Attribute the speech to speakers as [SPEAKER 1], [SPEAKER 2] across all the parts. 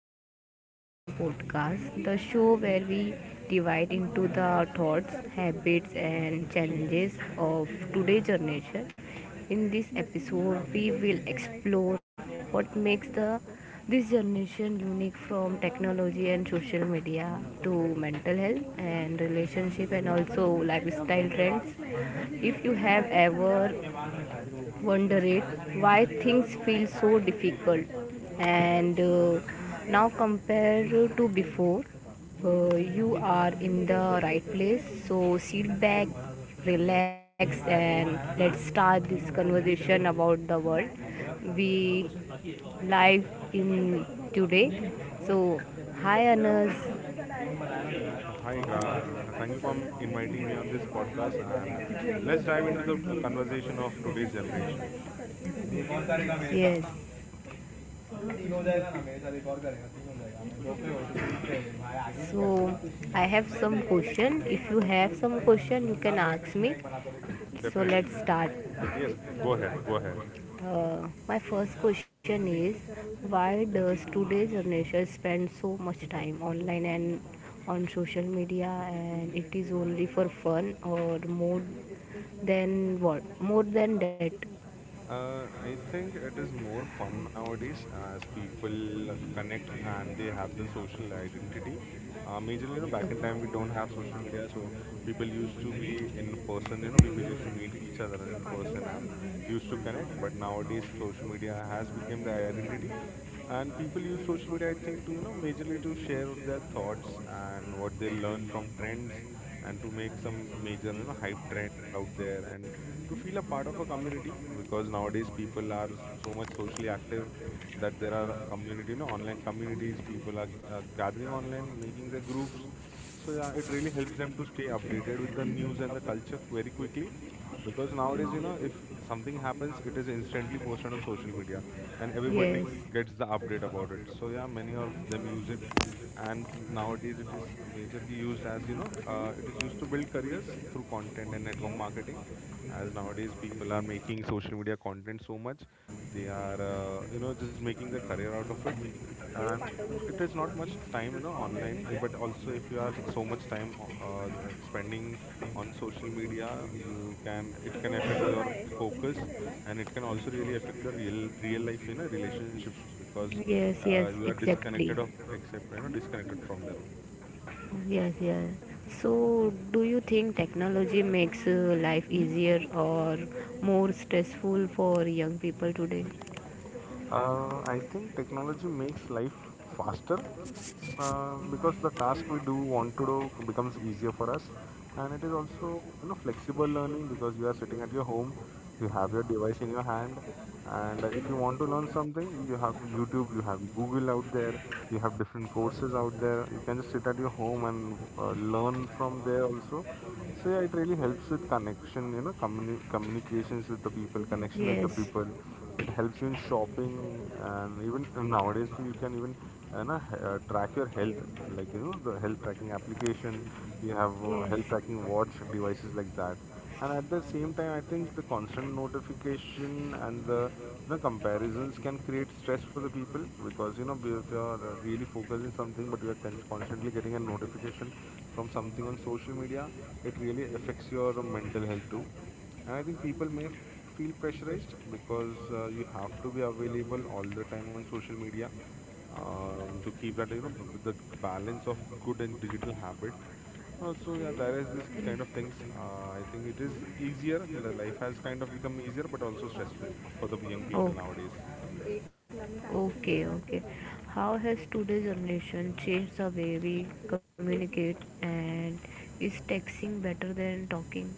[SPEAKER 1] Today's Generation podcast, the show where we divide into the thoughts, habits, and challenges of today's generation. In this episode, we will explore what makes the this generation unique, from technology and social media to mental health and relationship, and also lifestyle trends. If you have ever wonder it why things feel so difficult and now compare to before, you are in the right place, so sit back, relax, and let's start this conversation about the world we live in today. So hi, Anas.
[SPEAKER 2] Hi, Gra. Thank you for inviting me on this podcast, and let's dive into the conversation of today's generation.
[SPEAKER 1] Yes. So I have some question. If you have some question, you can ask me. So
[SPEAKER 2] Definitely,
[SPEAKER 1] let's
[SPEAKER 2] definitely.
[SPEAKER 1] start.
[SPEAKER 2] Yes, go ahead, go ahead.
[SPEAKER 1] My first question is, why does today's generation spend so much time online and on social media, and it is only for fun or more than that?
[SPEAKER 2] I think it is more fun nowadays as people connect and they have the social identity. Majorly, you know, back in time we don't have social media, so people used to be in person. You know, people used to meet each other in person and used to connect. But nowadays, social media has become the identity, and people use social media, I think, to you know majorly to share their thoughts and what they learn from trends, and to make some major, you know, hype trend out there, and to feel a part of a community, because nowadays people are so, so much socially active that there are community, you know, online communities, people are gathering online, making their groups. So yeah, it really helps them to stay updated with the news and the culture very quickly, because nowadays, you know, if something happens, it is instantly posted on social media and everybody
[SPEAKER 1] Yes,
[SPEAKER 2] gets the update about it. So yeah, many of them use it. And nowadays it is majorly used as, you know, it is used to build careers through content and network marketing, as nowadays people are making social media content so much, they are you know, just making their career out of it. And it is not much time, you know, online, but also if you are so much time spending on social media, you can, it can affect your focus, and it can also really affect your real life, you know, relationships, because
[SPEAKER 1] yes, yes,
[SPEAKER 2] you are disconnected
[SPEAKER 1] exactly.
[SPEAKER 2] of, except, you know, disconnected from them.
[SPEAKER 1] Yes, yes. So, do you think technology makes life easier or more stressful for young people today?
[SPEAKER 2] I think technology makes life faster, because the task we do want to do becomes easier for us, and it is also, you know, flexible learning, because you are sitting at your home, you have your device in your hand, and if you want to learn something, you have YouTube, you have Google out there, you have different courses out there. You can just sit at your home and learn from there also. So yeah, it really helps with connection, you know, communications with the people, connection with the
[SPEAKER 1] Yes,
[SPEAKER 2] people. It helps you in shopping, and even nowadays, so you can even track your health, like, you know, the health tracking application, you have health
[SPEAKER 1] yes.
[SPEAKER 2] tracking watch devices like that. And at the same time, I think the constant notification and the, you know, comparisons can create stress for the people, because you know, if you're really focused in something but you are constantly getting a notification from something on social media, it really affects your mental health too. And I think people may feel pressurized, because you have to be available all the time on social media, to keep that, you know, the balance of good and digital habit. So yeah, there is this kind of things. I think it is easier. Life has kind of become easier, but also stressful for the young people
[SPEAKER 1] Oh,
[SPEAKER 2] nowadays.
[SPEAKER 1] okay, okay. How has today's generation changed the way we communicate, and is texting better than talking?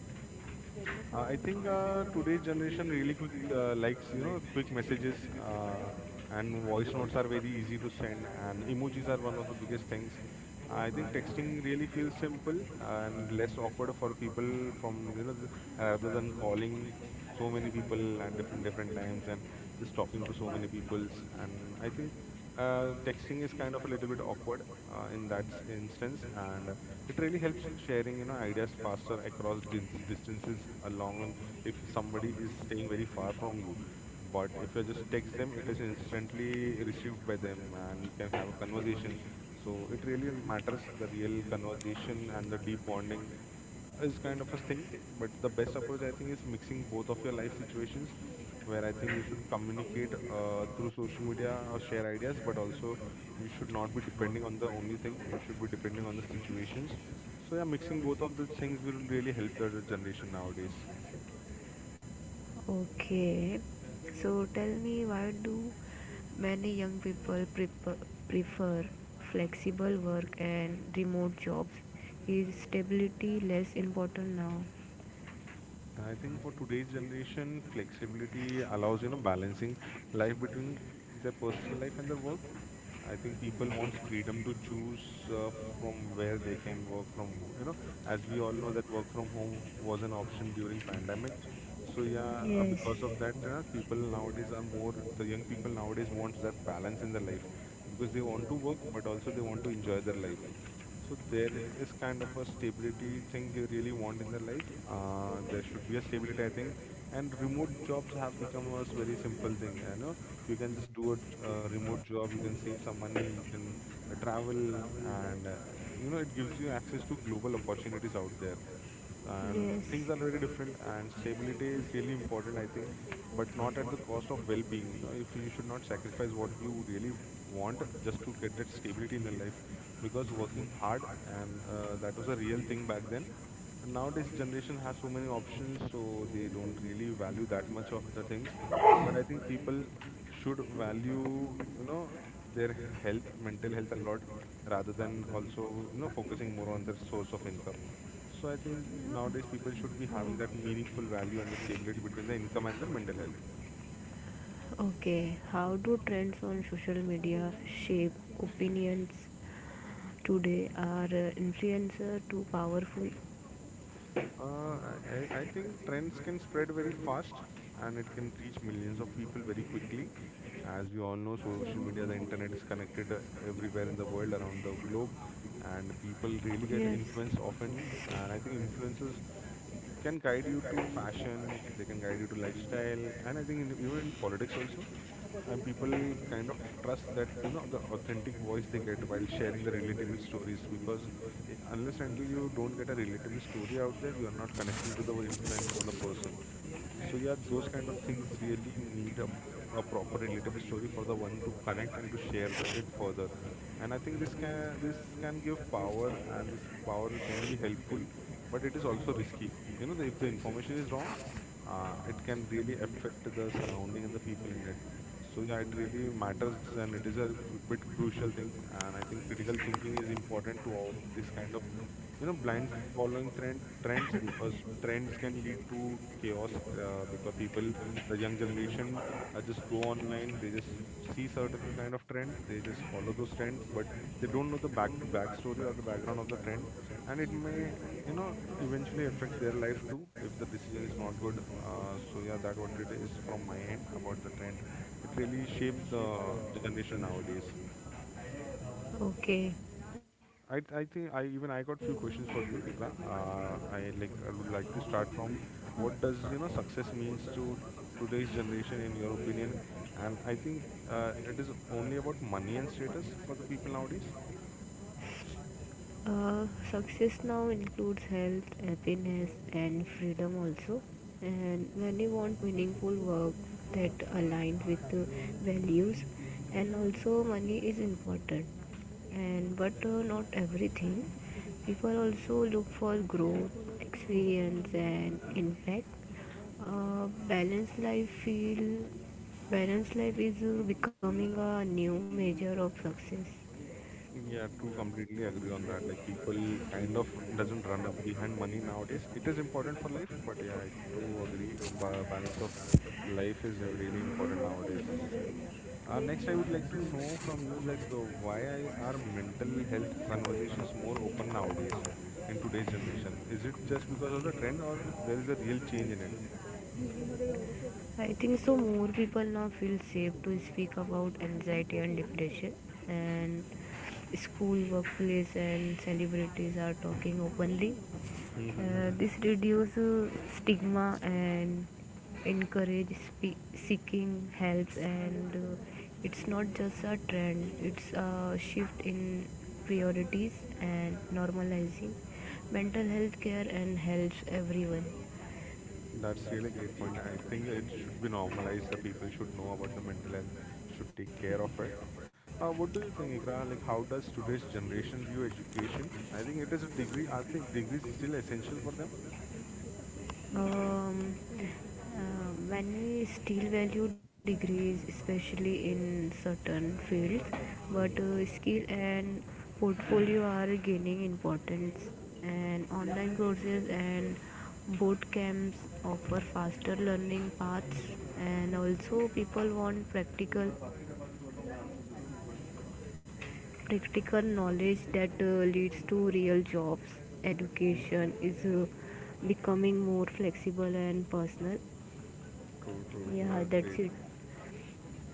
[SPEAKER 2] I think today's generation really quick likes, you know, quick messages, uh, and voice notes are very easy to send, and emojis are one of the biggest things. I think texting really feels simple and less awkward for people, from you know rather than calling so many people at different different times and just talking to so many peoples. And I think
[SPEAKER 1] uh,
[SPEAKER 2] texting is kind of
[SPEAKER 1] he
[SPEAKER 2] a
[SPEAKER 1] is
[SPEAKER 2] little
[SPEAKER 1] kind
[SPEAKER 2] bit
[SPEAKER 1] of a little
[SPEAKER 2] awkward
[SPEAKER 1] bit awkward
[SPEAKER 2] in that
[SPEAKER 1] in that
[SPEAKER 2] instance,
[SPEAKER 1] sense.
[SPEAKER 2] and it really
[SPEAKER 1] It
[SPEAKER 2] helps
[SPEAKER 1] really helps
[SPEAKER 2] sharing, you know,
[SPEAKER 1] when
[SPEAKER 2] ideas
[SPEAKER 1] adjust
[SPEAKER 2] faster across
[SPEAKER 1] faster across these
[SPEAKER 2] distances,
[SPEAKER 1] distances,
[SPEAKER 2] along long
[SPEAKER 1] along
[SPEAKER 2] if
[SPEAKER 1] with if
[SPEAKER 2] somebody is
[SPEAKER 1] somebody
[SPEAKER 2] staying
[SPEAKER 1] is
[SPEAKER 2] very
[SPEAKER 1] staying
[SPEAKER 2] far
[SPEAKER 1] very
[SPEAKER 2] from
[SPEAKER 1] far
[SPEAKER 2] you,
[SPEAKER 1] from.
[SPEAKER 2] but if you
[SPEAKER 1] What
[SPEAKER 2] just
[SPEAKER 1] is the
[SPEAKER 2] text them, it is
[SPEAKER 1] restriction, you can
[SPEAKER 2] instantly
[SPEAKER 1] instantly
[SPEAKER 2] received
[SPEAKER 1] get
[SPEAKER 2] by them
[SPEAKER 1] better
[SPEAKER 2] and you can have a conversation.
[SPEAKER 1] conversation.
[SPEAKER 2] So it really
[SPEAKER 1] Really
[SPEAKER 2] matters, the
[SPEAKER 1] matters
[SPEAKER 2] real
[SPEAKER 1] the real
[SPEAKER 2] conversation, and the
[SPEAKER 1] conversation and
[SPEAKER 2] deep
[SPEAKER 1] the deep
[SPEAKER 2] bonding
[SPEAKER 1] context.
[SPEAKER 2] is kind
[SPEAKER 1] This
[SPEAKER 2] of
[SPEAKER 1] is
[SPEAKER 2] a
[SPEAKER 1] kind
[SPEAKER 2] thing.
[SPEAKER 1] of thing.
[SPEAKER 2] But the
[SPEAKER 1] But
[SPEAKER 2] best
[SPEAKER 1] the
[SPEAKER 2] approach,
[SPEAKER 1] best
[SPEAKER 2] I think,
[SPEAKER 1] approach
[SPEAKER 2] is
[SPEAKER 1] is
[SPEAKER 2] mixing both
[SPEAKER 1] using
[SPEAKER 2] of your
[SPEAKER 1] both of
[SPEAKER 2] life
[SPEAKER 1] the
[SPEAKER 2] situations,
[SPEAKER 1] lines,
[SPEAKER 2] where I think
[SPEAKER 1] where
[SPEAKER 2] you
[SPEAKER 1] I
[SPEAKER 2] should
[SPEAKER 1] think,
[SPEAKER 2] communicate
[SPEAKER 1] communicate
[SPEAKER 2] through
[SPEAKER 1] through
[SPEAKER 2] social media
[SPEAKER 1] social
[SPEAKER 2] or
[SPEAKER 1] media,
[SPEAKER 2] share
[SPEAKER 1] share
[SPEAKER 2] ideas, but
[SPEAKER 1] ideas, but
[SPEAKER 2] also
[SPEAKER 1] also
[SPEAKER 2] you should not be
[SPEAKER 1] not with
[SPEAKER 2] depending on the only thing, you
[SPEAKER 1] the.
[SPEAKER 2] should be depending on the situations. So yeah, mixing both of the things will really help the generation nowadays.
[SPEAKER 1] Okay, so tell me, why do many young people prefer flexible work and remote jobs? Is stability less important now?
[SPEAKER 2] I think for today's generation, flexibility allows, you know, balancing life between their personal life and their work. I think people wants freedom to choose uh, from where they can work from, you know, as we all know that work from home was an option during pandemic. So yeah,
[SPEAKER 1] Yes,
[SPEAKER 2] because of that, people nowadays are more, the young people nowadays wants that balance in their life, because they want to work, but also they want to enjoy their life. So there is kind of a stability thing they really want in their life. There should be a stability, I think. And remote jobs have become a very simple thing. You know, you can just do a, a remote job. You can save some money. You can travel, and you know, it gives you access to global opportunities out there, and
[SPEAKER 1] yes,
[SPEAKER 2] things are very different, and stability is really important, I think, but not at the cost of well-being. You know, if you should not sacrifice what you really want just to get that stability in your life, because working hard, and that was a real thing back then, and nowadays generation has so many options, so they don't really value that much of the things. But I think people should value, you know, their health, mental health, a lot, rather than also, you know, focusing more on their source of income. So I think nowadays people should be having that meaningful value and the stability between the income and their mental health.
[SPEAKER 1] okay. How do trends on social media shape opinions today, are influencer too powerful?
[SPEAKER 2] I think trends can spread very fast, and it can reach millions of people very quickly. As we all know, social media, the internet is connected everywhere in the world, around the globe, and people really get
[SPEAKER 1] Yes.
[SPEAKER 2] influenced often. And I think influences, you can guide you to fashion, they can guide you to lifestyle, and I think in, even in politics also. And people kind of trust that, you know, the authentic voice they get while sharing the relatable stories, because unless until you don't get a relatable story out there, you are not connecting to the influencer or the person. So yeah, those kind of things really need a proper relatable story for the one to connect and to share it further. And I think this can give power, and this power can be helpful, but it is also risky. You know, the, if the information is wrong, it can really affect the surrounding and the people in it. So yeah, it really matters, and it is a bit crucial thing. And I think critical thinking is important to all this kind of, you know, blind following trends, because trends can lead to chaos. Because people, the young generation, just go online. They just see certain kind of trend. They just follow those trends, but they don't know the backstory or the background of the trend, and it may, you know, eventually affect their life too if the decision is not good. So yeah, that what it is from my end about the trend. It really shapes the generation nowadays.
[SPEAKER 1] Okay.
[SPEAKER 2] I i think i even i got few questions for you, Ikra. I would like to start from, what does, you know, success means to today's generation in your opinion? And I think it is only about money and status for the people nowadays.
[SPEAKER 1] Success now includes health, happiness, and freedom also. And many want meaningful work that aligns with the values, and also money is important. And but not everything. People also look for growth, experience, and impact. Uh, balanced life feel Balanced life is becoming a new measure of success.
[SPEAKER 2] Yeah, true. Completely agree on that. Like, people kind of doesn't run up behind money nowadays. It is important for life, but yeah, I do agree. Balance of life is really important nowadays. Next, I would like to know from you, like, why are mental health conversations more open nowadays in today's generation? Is it just because of the trend, or there is a real change in
[SPEAKER 1] I think so more people now feel safe to speak about anxiety and depression, and school, workplace, and celebrities are talking openly.
[SPEAKER 2] it?
[SPEAKER 1] Uh, this reduces stigma and encourage seeking help, and it's not just a trend, it's a shift in priorities, and normalizing mental health care and helps everyone.
[SPEAKER 2] That's really great point. I think it should be normalized. The people should know about the mental health, should take care of it. What do you think, Ikra? Like, how does today's generation view education? I think it is a degree. I think degree is still essential for them.
[SPEAKER 1] um, when skill value degrees, especially in certain fields, but skill and portfolio are gaining importance, and online courses and boot camps offer faster learning paths, and also people want practical knowledge that leads to real jobs. Education is becoming more flexible and personal.
[SPEAKER 2] True, true.
[SPEAKER 1] Yeah, that's
[SPEAKER 2] Great.
[SPEAKER 1] it.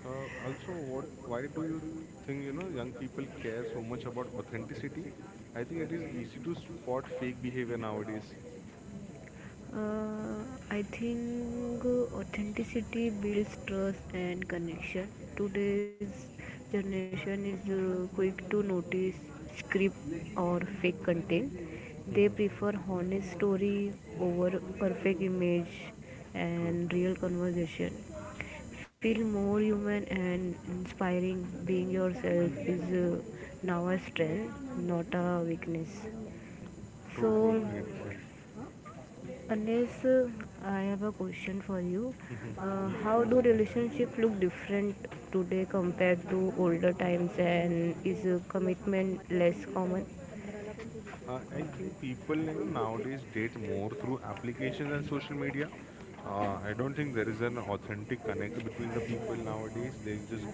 [SPEAKER 2] Also, what? Why do
[SPEAKER 1] Why
[SPEAKER 2] you
[SPEAKER 1] do
[SPEAKER 2] think, you know, young people
[SPEAKER 1] we
[SPEAKER 2] care so
[SPEAKER 1] care so
[SPEAKER 2] much
[SPEAKER 1] much
[SPEAKER 2] about
[SPEAKER 1] about context?
[SPEAKER 2] authenticity?
[SPEAKER 1] Because
[SPEAKER 2] I think it is easy to spot
[SPEAKER 1] we don't
[SPEAKER 2] fake
[SPEAKER 1] speak
[SPEAKER 2] behavior
[SPEAKER 1] even
[SPEAKER 2] nowadays.
[SPEAKER 1] nowadays. Uh, I think authenticity builds trust and connection. Today's generation is quick to notice script or fake content. They
[SPEAKER 2] Mhm.
[SPEAKER 1] prefer honest story over perfect image
[SPEAKER 2] True.
[SPEAKER 1] and real conversation. Feel more human and inspiring. Being yourself is now a strength, not a weakness.
[SPEAKER 2] True, true.
[SPEAKER 1] So,
[SPEAKER 2] Great point.
[SPEAKER 1] unless, I have a question for you.
[SPEAKER 2] Mhm.
[SPEAKER 1] How
[SPEAKER 2] Yes.
[SPEAKER 1] do relationship look different today compared to older times, and is commitment less common?
[SPEAKER 2] I think people, you know, nowadays date more through applications and social media. I don't think there is an authentic connect between the people nowadays. They just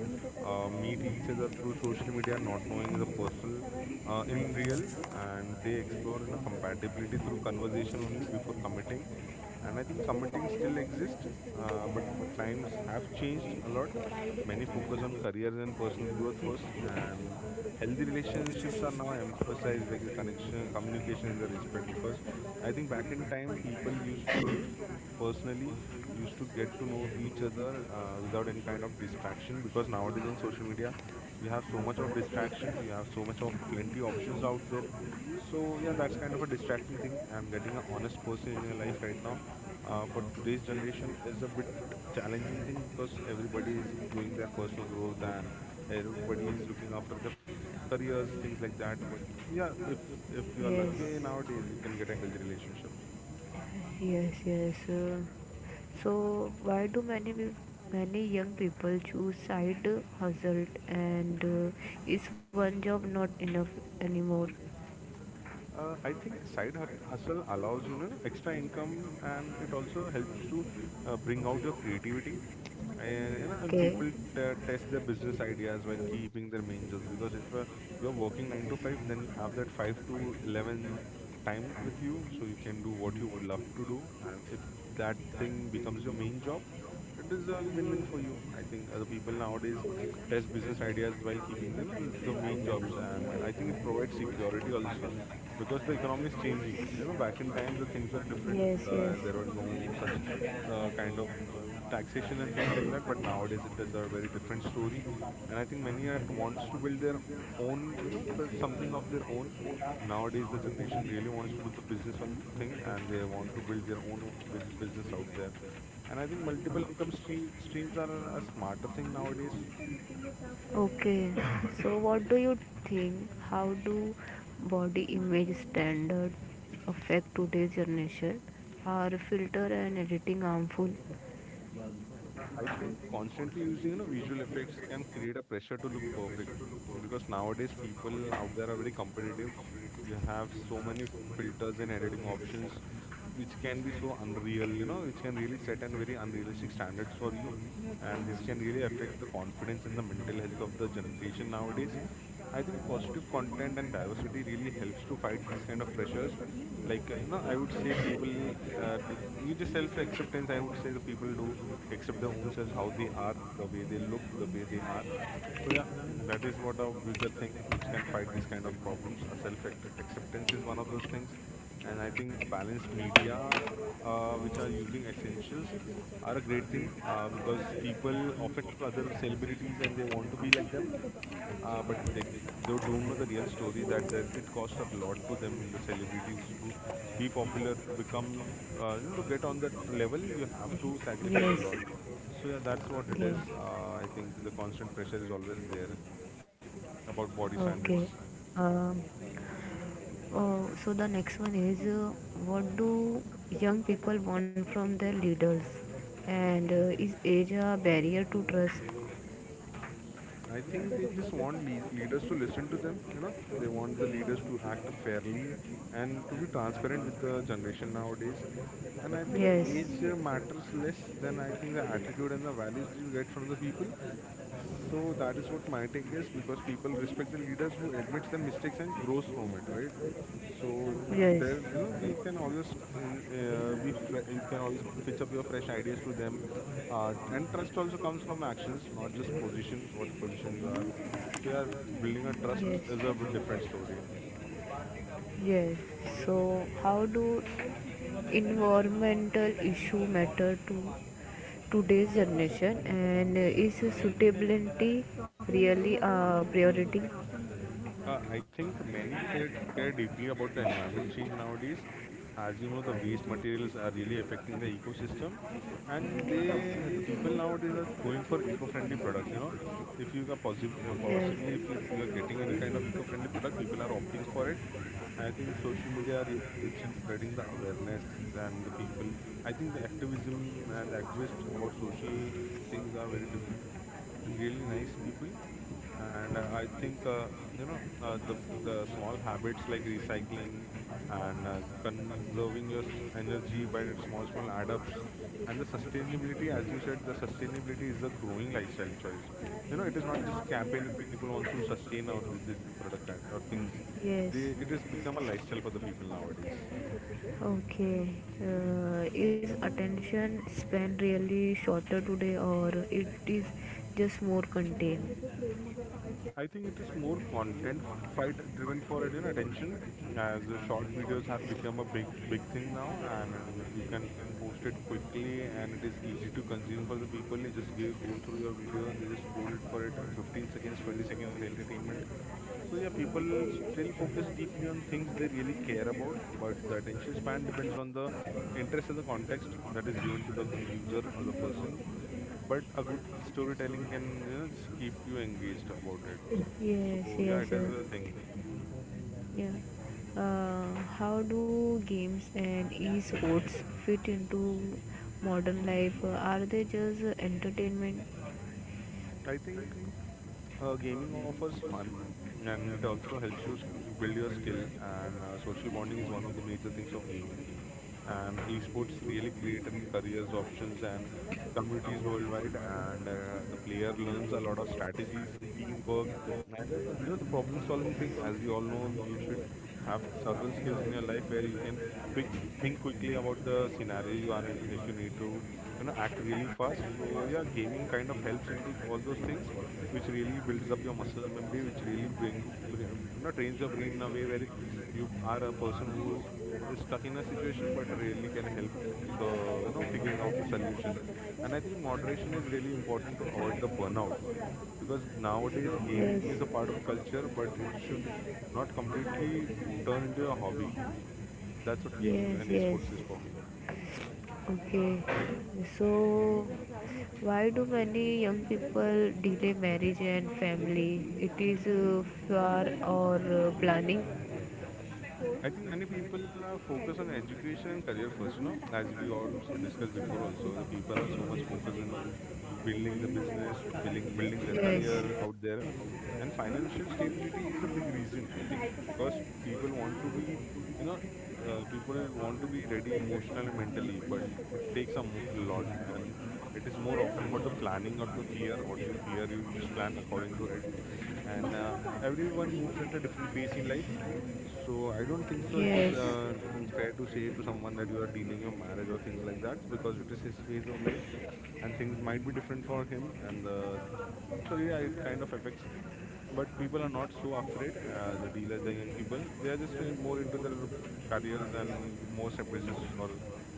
[SPEAKER 2] meet each other through social media, not knowing the personal in real, and they explore, you know, compatibility through conversation only before committing. And I think committing still exists, but times have changed a lot. Many focus on careers and personal growth first, and healthy relationships are now emphasized, like the connection, communication, and the respect. Because I think back in time, people used to meet personally, used to get to know each other without any kind of distraction. Because nowadays on social media, you have so much of distraction, you have so much of plenty options out there, so yeah, that's kind of a distracting thing. And getting an honest person in your life right now, for today's generation, is a bit challenging thing because everybody is doing their personal growth and everybody is looking after the careers, things like that. But yeah, if you are
[SPEAKER 1] Yes.
[SPEAKER 2] lucky nowadays, you can get a healthy relationship.
[SPEAKER 1] Yes, yes. So, why do many many young people choose side hustle, and is one job not enough anymore?
[SPEAKER 2] I think hustle allows, you know, extra income and it also helps to bring out your creativity. And, you know, and people
[SPEAKER 1] Okay.
[SPEAKER 2] test their business ideas while keeping their main jobs because if you're working 9 to 5, then you have that 5 to 11 time with you, so you can do what you would love to do, and if that thing becomes your main job, it is a win-win for you. I think the people nowadays test business ideas while keeping, you know, the main jobs, and I think it provides security also because the economy is changing. You know, back in time the things were different.
[SPEAKER 1] Yes, yes.
[SPEAKER 2] There were no such kind of taxation and things like that. But nowadays it is a very different story, and I think many are wants to build their own, you know, something of their own. Nowadays the generation really wants to do the business on thing, and they want to build their own business out there, and I think multiple streams are a smarter thing nowadays.
[SPEAKER 1] Okay. So, what do you think? How do body image standard affect today's generation? Are filter and editing harmful?
[SPEAKER 2] I think constantly using, you know, visual effects can create a pressure to look perfect because nowadays
[SPEAKER 1] Nowadays,
[SPEAKER 2] people
[SPEAKER 1] people
[SPEAKER 2] out there are
[SPEAKER 1] they
[SPEAKER 2] very
[SPEAKER 1] are very
[SPEAKER 2] competitive.
[SPEAKER 1] competitive.
[SPEAKER 2] You
[SPEAKER 1] You
[SPEAKER 2] have
[SPEAKER 1] have
[SPEAKER 2] so
[SPEAKER 1] so
[SPEAKER 2] many
[SPEAKER 1] many
[SPEAKER 2] filters and
[SPEAKER 1] filters and
[SPEAKER 2] editing
[SPEAKER 1] edit
[SPEAKER 2] options
[SPEAKER 1] options.
[SPEAKER 2] which can be so unreal,
[SPEAKER 1] Unreal,
[SPEAKER 2] you know, which can really
[SPEAKER 1] real
[SPEAKER 2] set an very
[SPEAKER 1] study,
[SPEAKER 2] unrealistic
[SPEAKER 1] unreal.
[SPEAKER 2] standards for you,
[SPEAKER 1] So,
[SPEAKER 2] and this can really affect the confidence and the mental health of the generation nowadays. I think positive content and diversity really helps to fight these kind of pressures like, you know, I would say people do you just self acceptance, I would say the people do accept their own selves, how they are, the way they look, the way they are. So yeah, that is what a bigger thing which can fight these kind of problems. A self acceptance is one of those things. And I think a balanced media, which are using essentials, are a great thing, because people often look other celebrities and they want to be like them, but they don't know the real story that there, it costs a lot to them, the celebrities, to be popular, to become, you know, to get on that level, you have to sacrifice a lot. So yeah, that's what
[SPEAKER 1] yes,
[SPEAKER 2] it is.
[SPEAKER 1] yes,
[SPEAKER 2] I think the constant pressure is always there about body
[SPEAKER 1] okay.
[SPEAKER 2] standards.
[SPEAKER 1] Um, oh, so the next one is, what do young people want from their leaders? And is age a barrier to trust?
[SPEAKER 2] I think they just want leaders to listen to them. You know, they want the leaders to act fairly and to be transparent with the generation nowadays. And I think
[SPEAKER 1] Yes,
[SPEAKER 2] age matters less than I think the attitude and the values you get from the people. So that is what my take is, because people respect the leaders who admits their mistakes and grows from it, right? So
[SPEAKER 1] yes,
[SPEAKER 2] there's, you know, you can always you can always pitch up your fresh ideas to them, and trust also comes from actions, not just position. What position you are. So yeah, building a trust
[SPEAKER 1] yes.
[SPEAKER 2] is a bit different story.
[SPEAKER 1] Yes. So, how do environmental issue matter to today's generation, and is suitability really a priority?
[SPEAKER 2] I think many care deeply about the environment change nowadays. As you know, the waste materials are really affecting the ecosystem, and the people nowadays are going for eco-friendly products. You know, if you are possibly if
[SPEAKER 1] Yes.
[SPEAKER 2] you are getting any kind of eco-friendly product, people are opting for it. I think social media really helps in spreading the awareness and the people. I think the activism and the activists about social things are very different and really nice people. And I think, you know, the small habits like recycling and, conserving your energy by the small small add ups, and the sustainability, as you said, the sustainability is a growing lifestyle choice. You know, it is not just a campaign that people want to sustain or this or things.
[SPEAKER 1] Yes.
[SPEAKER 2] It has become a lifestyle for the people nowadays.
[SPEAKER 1] Okay. Is attention span really shorter today, or it is just more contained?
[SPEAKER 2] I think it is more content fight driven for it, you know, attention, as the short videos have become a big big thing now, and you can post it quickly and it is easy to consume for the people. You just go through your video, they just scroll it for it, and 15 seconds, 20 seconds entertainment. So yeah, people still focus deeply on things they really care about, but the attention span depends on the interest and the context that is given to the user or the person, but a good storytelling can, you know, just keep you engaged about it.
[SPEAKER 1] Yes.
[SPEAKER 2] So yeah, it
[SPEAKER 1] Yes.
[SPEAKER 2] is a thing.
[SPEAKER 1] Yeah. How do games and esports fit into modern life? Are they just entertainment?
[SPEAKER 2] I think, gaming offers fun and it also helps you build your skill, and social bonding is one of the major things of gaming, and esports really create an careers options and communities worldwide, and the player learns a lot of strategies, teamwork, and, you know, the problem solving thing. As we all know, you should have certain skills in your life where you can quick, like, think quickly about the scenario you are in. If you need to, you know, act really fast, so yeah, gaming kind of helps into all those things, which really builds up your muscle memory, which really brings you know, trains your brain in a way where you are a person who, is stuck in a situation, but really can help the you know, figuring out the solution. And I think moderation is really important to avoid the burnout, because nowadays gaming is a part
[SPEAKER 1] Yes,
[SPEAKER 2] of culture, but it should not completely turn into a hobby. That's what gaming
[SPEAKER 1] yes,
[SPEAKER 2] and
[SPEAKER 1] yes.
[SPEAKER 2] esports is for me.
[SPEAKER 1] Okay, so why do many young people delay marriage and family? It is fear or planning?
[SPEAKER 2] I think many people are focused on education and career first, you know, as we also discussed before also, the people are so much focused on building the business, building their career out there. And financial stability is a big reason, I think, because people want to be, you know, people want to be ready emotionally and mentally, but it takes a lot. And it is more often about the planning or the fear. What you fear, you just plan according to it. And,
[SPEAKER 1] Yes,
[SPEAKER 2] everyone moves at a different pace in life, so I don't think so. It is,
[SPEAKER 1] yes,
[SPEAKER 2] fair to say to someone that you are dealing a marriage or things like that, because it is his phase of life, and things might be different for him. And, so yeah, it kind of affects. But people are not so afraid. The dealers, the young people, they are just more into their careers and more business, or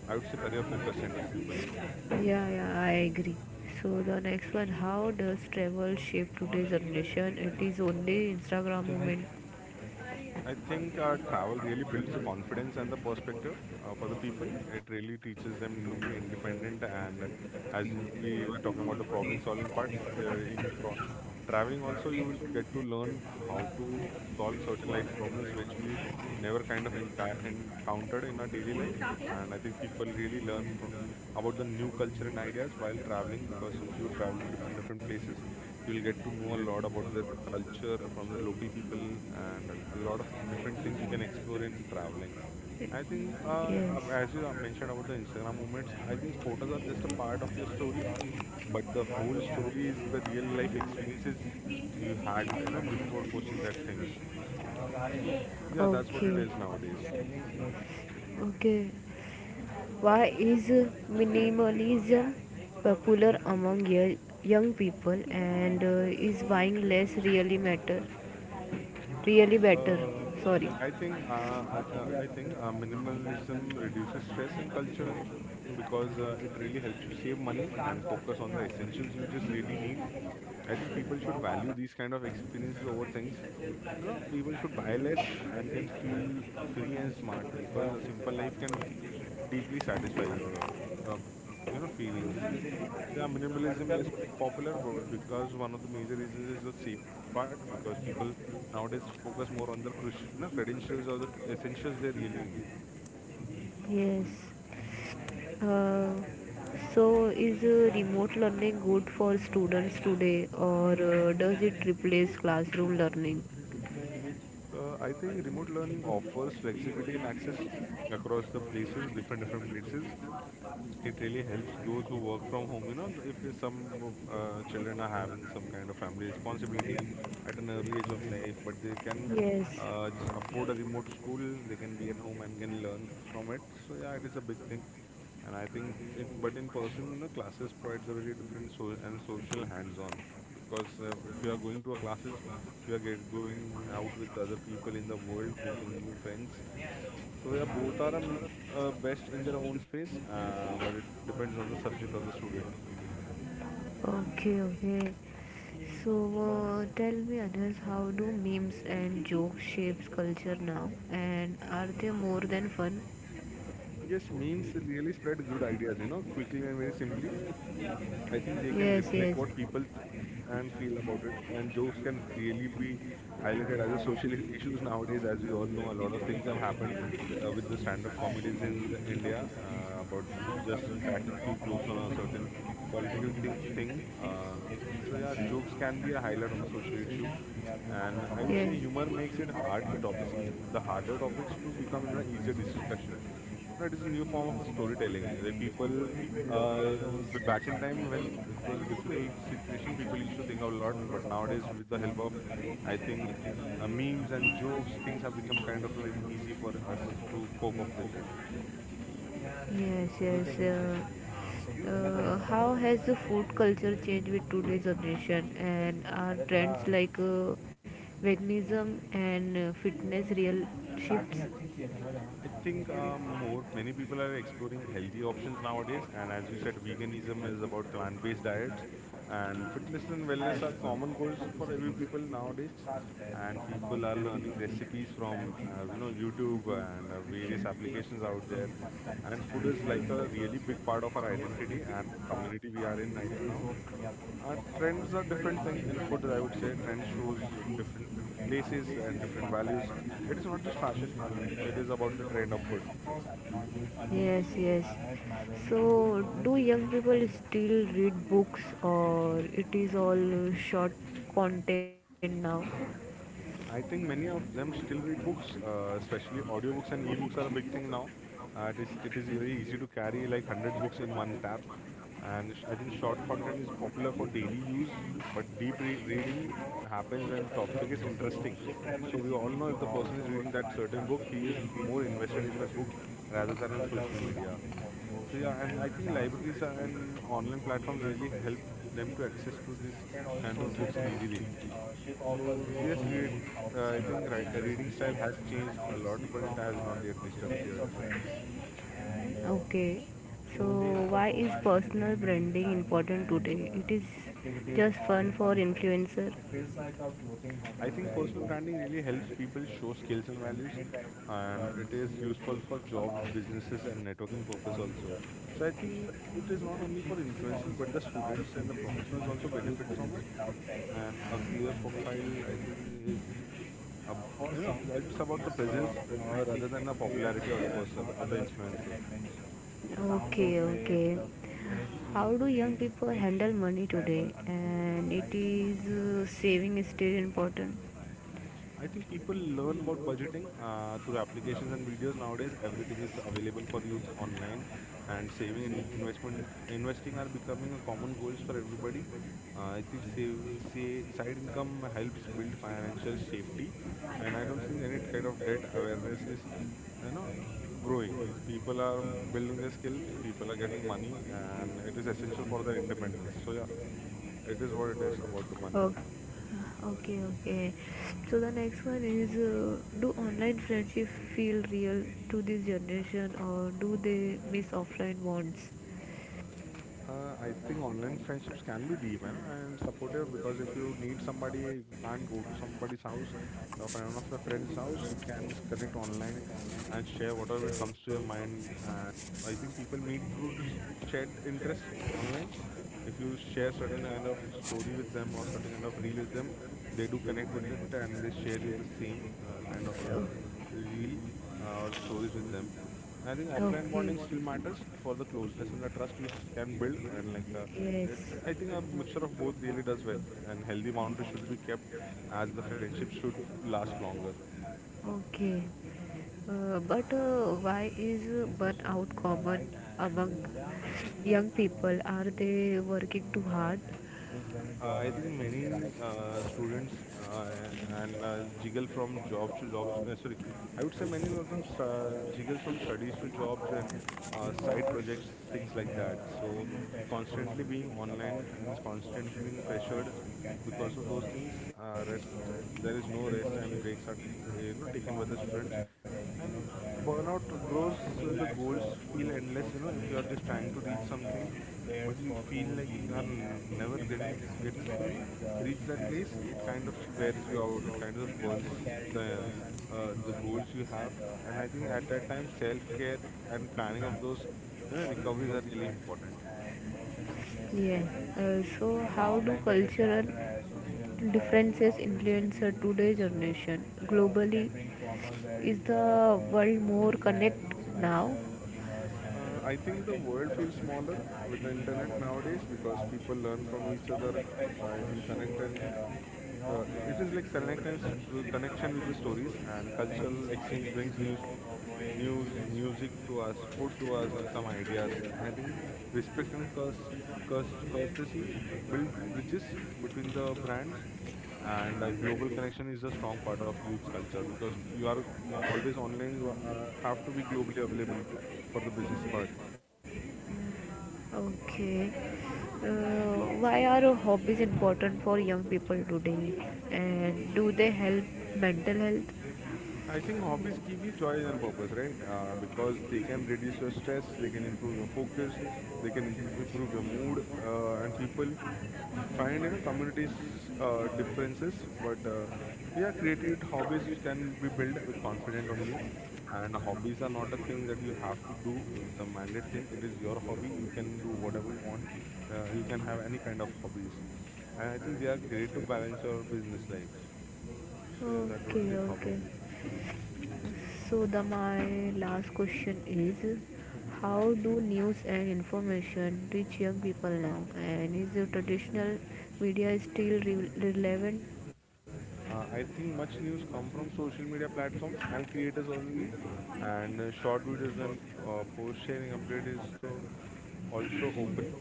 [SPEAKER 2] I would say career focused centric people.
[SPEAKER 1] yeah, yeah, I agree. So the next one, how does travel shape today's generation? It is only Instagram moment.
[SPEAKER 2] I think, travel really builds the confidence and the perspective, for the people. It really teaches them to be independent. And as we were talking about the problem-solving part, uh, in pro- traveling also, you will get to learn how to solve certain life problems which we never kind of encountered in our daily life. And I think people really learn from about the new culture and ideas while traveling, because if you travel to different places, you'll get to know a lot about their culture from the local people, and a lot of different things you can explore in traveling. I think uh,
[SPEAKER 1] Yes.
[SPEAKER 2] ab- as you uh, mentioned about the Instagram moments, I think photos are just a part of your story, but the whole story is the real life experiences you had, before posting that things. So yeah, that's what it
[SPEAKER 1] Okay.
[SPEAKER 2] is nowadays.
[SPEAKER 1] Okay. Why is minimalism popular among young people, and is buying less really matter? Really better.
[SPEAKER 2] Uh,
[SPEAKER 1] Sorry.
[SPEAKER 2] I think Minimalism reduces stress and culture, because it really helps you save money and focus on the essentials you just really need. I think people should value these kind of experiences over things. You know, people should buy less and can feel free and smart, because a simple life can deeply satisfy your, uh, feelings. So yeah, minimalism is popular because one of the major reasons is the safety part, because people nowadays focus more on the crucial, no, credentials or the essentials they really need.
[SPEAKER 1] Yes. Uh, so, is remote learning good for students today, or does it replace classroom learning?
[SPEAKER 2] I think remote learning offers flexibility and access across the places, different places. It really helps those who work from home. You know, if there's some children are having some kind of family responsibility at an early age of life, but they can
[SPEAKER 1] Yes,
[SPEAKER 2] just afford a remote school, they can be at home and can learn from it. So yeah, it is a big thing. And I think in but in person, you know, classes provides a very different so and social hands-on, because if you are going to a classes, you are get going out with other people in the world, making new friends. So yeah, both are best in their own space, but it depends on the subject of the student.
[SPEAKER 1] okay, okay. So, tell me, others, how do memes and jokes shapes culture now, and are they more than fun?
[SPEAKER 2] Yes, memes really spread good ideas, you know, quickly and very simply. I think they can
[SPEAKER 1] Yes,
[SPEAKER 2] reflect
[SPEAKER 1] yes.
[SPEAKER 2] what people think and feel about it, and jokes can really be highlighted as a social issues nowadays. As we all know, a lot of things have happened with the stand-up comedies in the India about just cracking few jokes on a certain political thing. So yeah, jokes can be a highlight of a social issue, and I would say humor
[SPEAKER 1] Yes.
[SPEAKER 2] makes it hard the topics, the harder topics to become in an easier discussion. No, it is a new form of a
[SPEAKER 1] Consider white
[SPEAKER 2] storytelling. Like
[SPEAKER 1] traveling.
[SPEAKER 2] people, uh, back in time when it was a difficult
[SPEAKER 1] So
[SPEAKER 2] situation, people used to think a lot.
[SPEAKER 1] this
[SPEAKER 2] But
[SPEAKER 1] of course
[SPEAKER 2] nowadays,
[SPEAKER 1] have
[SPEAKER 2] with the
[SPEAKER 1] not
[SPEAKER 2] help of,
[SPEAKER 1] been great,
[SPEAKER 2] I think,
[SPEAKER 1] so
[SPEAKER 2] memes and jokes, things have become kind of very easy for us to
[SPEAKER 1] uh,
[SPEAKER 2] cope up with it.
[SPEAKER 1] yes, yes. How has the food culture changed with today's generation, and are trends like veganism and fitness real shifts?
[SPEAKER 2] I think more many people are exploring healthy options nowadays, and as you said, veganism is about plant-based diets, and fitness and wellness are common goals for every people nowadays.
[SPEAKER 1] Where we
[SPEAKER 2] And
[SPEAKER 1] talk
[SPEAKER 2] people
[SPEAKER 1] about
[SPEAKER 2] are learning recipes
[SPEAKER 1] like
[SPEAKER 2] from YouTube and various applications out there, and food is like a really big part of our identity and community we are in right now. Trends are different thing in food, I would say. Trends shows different places and different values.
[SPEAKER 1] like.
[SPEAKER 2] It is not just fashion. It is about the trend of food.
[SPEAKER 1] Yes, yes. So, do young people still read books, or it is all short content now?
[SPEAKER 2] I think many of them still read books, especially audiobooks and ebooks are a big thing now. It is very easy to carry like 100 books in one tab, and I think short content is popular for daily use, but deep reading happens when the topic
[SPEAKER 1] So
[SPEAKER 2] is interesting. So we all know if the person is reading that certain book, he is more invested in that book
[SPEAKER 1] uh,
[SPEAKER 2] rather than on social media. So yeah, and I think libraries and online platforms really help them to access to this
[SPEAKER 1] can also
[SPEAKER 2] kind of
[SPEAKER 1] say
[SPEAKER 2] books
[SPEAKER 1] that
[SPEAKER 2] easily.
[SPEAKER 1] ship offers
[SPEAKER 2] So
[SPEAKER 1] beautiful
[SPEAKER 2] yes, read.
[SPEAKER 1] views of
[SPEAKER 2] I think
[SPEAKER 1] sunrise and
[SPEAKER 2] reading style
[SPEAKER 1] sunset that
[SPEAKER 2] has
[SPEAKER 1] you
[SPEAKER 2] changed
[SPEAKER 1] cannot
[SPEAKER 2] a lot,
[SPEAKER 1] see
[SPEAKER 2] but it
[SPEAKER 1] from
[SPEAKER 2] has not yet
[SPEAKER 1] planes or
[SPEAKER 2] disappeared.
[SPEAKER 1] trains. And okay. So why is personal branding important today? It is just fun for influencer.
[SPEAKER 2] I think personal branding really helps people show skills and values, and it is useful for jobs, businesses, and networking purpose also. So I think it is not only for influencers, but the students and the professionals also benefit from it. And a clear profile, I think, is
[SPEAKER 1] For
[SPEAKER 2] you
[SPEAKER 1] some,
[SPEAKER 2] know it's about
[SPEAKER 1] it's
[SPEAKER 2] the presence
[SPEAKER 1] a romantic
[SPEAKER 2] rather than the
[SPEAKER 1] experience,
[SPEAKER 2] popularity of the
[SPEAKER 1] and for
[SPEAKER 2] person or the
[SPEAKER 1] others, it's an
[SPEAKER 2] influencer.
[SPEAKER 1] adventure. Okay, okay. How do young people handle money today? And it is, saving is still important?
[SPEAKER 2] I think people learn about budgeting through applications and videos nowadays. Everything is available for youth online, and saving and investment investing are becoming a common goals for everybody. I think say side income helps build financial safety, and I don't think any kind of debt awareness is, you know, growing. People are building their skill, people are getting money, and it is essential for their independence. So yeah, it is what it is about the
[SPEAKER 1] Oh,
[SPEAKER 2] money.
[SPEAKER 1] okay, okay. So the next one is, do online friendship feel real to this generation, or do they miss offline ones?
[SPEAKER 2] I think online friendships can be deep and supportive, because if you need somebody, you can't go to somebody's house, or friend one of your friend's house, you can just connect online and share whatever comes to your mind. And I think people meet through this shared interest online. If you share certain kind of story with them or certain kind of reel with them, they do connect with it and they share you the same uh, kind of
[SPEAKER 1] Oh,
[SPEAKER 2] uh, reel or stories with them. I think offline
[SPEAKER 1] okay.
[SPEAKER 2] bonding still matters for the closeness and the trust we can build, and re-
[SPEAKER 1] Yes.
[SPEAKER 2] I think a mixture of both really does well. And healthy boundaries should be kept, as the friendship should last longer.
[SPEAKER 1] Okay. But why is burnout common among young people? Are they working too hard?
[SPEAKER 2] I think many students and jiggle from jobs to jobs. Sorry, I would say many of them jiggles from studies to jobs and side
[SPEAKER 1] Forward,
[SPEAKER 2] projects,
[SPEAKER 1] like
[SPEAKER 2] things like that.
[SPEAKER 1] I
[SPEAKER 2] So
[SPEAKER 1] think that so much
[SPEAKER 2] constantly being
[SPEAKER 1] things about
[SPEAKER 2] online and constantly
[SPEAKER 1] scholarship.
[SPEAKER 2] being
[SPEAKER 1] Uh,
[SPEAKER 2] pressured
[SPEAKER 1] you can
[SPEAKER 2] because
[SPEAKER 1] tag
[SPEAKER 2] of
[SPEAKER 1] lot
[SPEAKER 2] those
[SPEAKER 1] of
[SPEAKER 2] things.
[SPEAKER 1] learning for,
[SPEAKER 2] Rest, there
[SPEAKER 1] like,
[SPEAKER 2] is
[SPEAKER 1] the
[SPEAKER 2] no rest
[SPEAKER 1] scholarship
[SPEAKER 2] and breaks are
[SPEAKER 1] is
[SPEAKER 2] you
[SPEAKER 1] different
[SPEAKER 2] know
[SPEAKER 1] from
[SPEAKER 2] taken by the
[SPEAKER 1] other
[SPEAKER 2] students.
[SPEAKER 1] travel,
[SPEAKER 2] And
[SPEAKER 1] and
[SPEAKER 2] burnout grows
[SPEAKER 1] even
[SPEAKER 2] so
[SPEAKER 1] like
[SPEAKER 2] the goals
[SPEAKER 1] those
[SPEAKER 2] feel
[SPEAKER 1] for
[SPEAKER 2] endless, you know,
[SPEAKER 1] survey
[SPEAKER 2] if you
[SPEAKER 1] like
[SPEAKER 2] are just
[SPEAKER 1] and
[SPEAKER 2] trying to
[SPEAKER 1] on
[SPEAKER 2] reach something,
[SPEAKER 1] pairs
[SPEAKER 2] but
[SPEAKER 1] for
[SPEAKER 2] you
[SPEAKER 1] pool
[SPEAKER 2] feel like
[SPEAKER 1] in,
[SPEAKER 2] you are
[SPEAKER 1] and you
[SPEAKER 2] never
[SPEAKER 1] can pack
[SPEAKER 2] getting to,
[SPEAKER 1] where
[SPEAKER 2] you know,
[SPEAKER 1] is, she
[SPEAKER 2] reach
[SPEAKER 1] has
[SPEAKER 2] that place.
[SPEAKER 1] pool
[SPEAKER 2] It
[SPEAKER 1] or she
[SPEAKER 2] kind of
[SPEAKER 1] has
[SPEAKER 2] wears you out, it
[SPEAKER 1] pool.
[SPEAKER 2] kind
[SPEAKER 1] You
[SPEAKER 2] of
[SPEAKER 1] can
[SPEAKER 2] burns
[SPEAKER 1] also carry the
[SPEAKER 2] the the
[SPEAKER 1] sunglasses
[SPEAKER 2] goals you have.
[SPEAKER 1] and
[SPEAKER 2] And
[SPEAKER 1] hat
[SPEAKER 2] I think
[SPEAKER 1] for
[SPEAKER 2] at that time,
[SPEAKER 1] you.
[SPEAKER 2] self-care and planning of those, you know, recoveries are really important.
[SPEAKER 1] Yes. So, how do cultural differences influence today's generation? Globally, is the world more connected now?
[SPEAKER 2] I think the world feels smaller with the internet nowadays because people learn from each other. I think connect and It is like connection with the stories, and cultural exchange brings news, music to us, food to us, and some ideas. And I think respect and curse, courtesy build bridges between the brands, and global connection is a strong part of youth culture, because you are always online. You are, have to be globally available for the business part.
[SPEAKER 1] Okay. Why are hobbies important for young people today? And do they help mental health?
[SPEAKER 2] I think hobbies give you joy and purpose, right? Because they can reduce your stress, they can improve your focus, they can improve your mood, and people find you know communities differences. But yeah, creative hobbies can be built with confidence only, and hobbies are not a thing that you have to do with a mandate thing. It is your hobby. You can do whatever you want. You can have any kind of hobbies, and I think they are great to balance your business life. So yeah, that what
[SPEAKER 1] Okay,
[SPEAKER 2] is hobby.
[SPEAKER 1] okay. So, the my last question is, how do news and information reach young people now? And is the traditional media still relevant?
[SPEAKER 2] I think much news come from social media platforms and creators only, and short videos and post sharing update is so also open.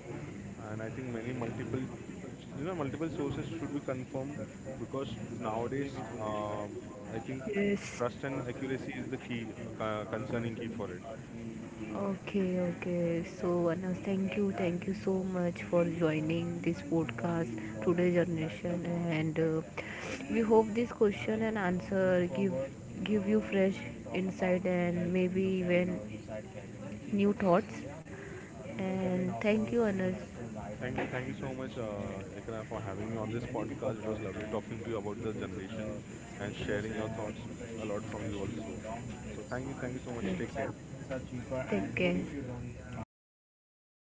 [SPEAKER 2] And I think many multiple, you know, multiple sources should be confirmed, because nowadays, I think
[SPEAKER 1] Yes.
[SPEAKER 2] trust and accuracy is the key concerning key for it.
[SPEAKER 1] Okay, okay. So, Anas, thank you so much for joining this podcast Today Generation, and we hope this question and answer give you fresh insight and maybe even new thoughts. And thank you, Anas.
[SPEAKER 2] Thank you so much, Ikra, for having me on
[SPEAKER 1] It's
[SPEAKER 2] this
[SPEAKER 1] mainly because
[SPEAKER 2] podcast. It was
[SPEAKER 1] of
[SPEAKER 2] lovely talking to you about the generation and
[SPEAKER 1] the spacious
[SPEAKER 2] sharing your thoughts
[SPEAKER 1] and
[SPEAKER 2] a
[SPEAKER 1] fresh,
[SPEAKER 2] lot from you
[SPEAKER 1] especially on
[SPEAKER 2] also.
[SPEAKER 1] long
[SPEAKER 2] So thank you so
[SPEAKER 1] trips. Yeah.
[SPEAKER 2] much. Take care.
[SPEAKER 1] Flights are cheaper, and take care. If you don't mind artificial light.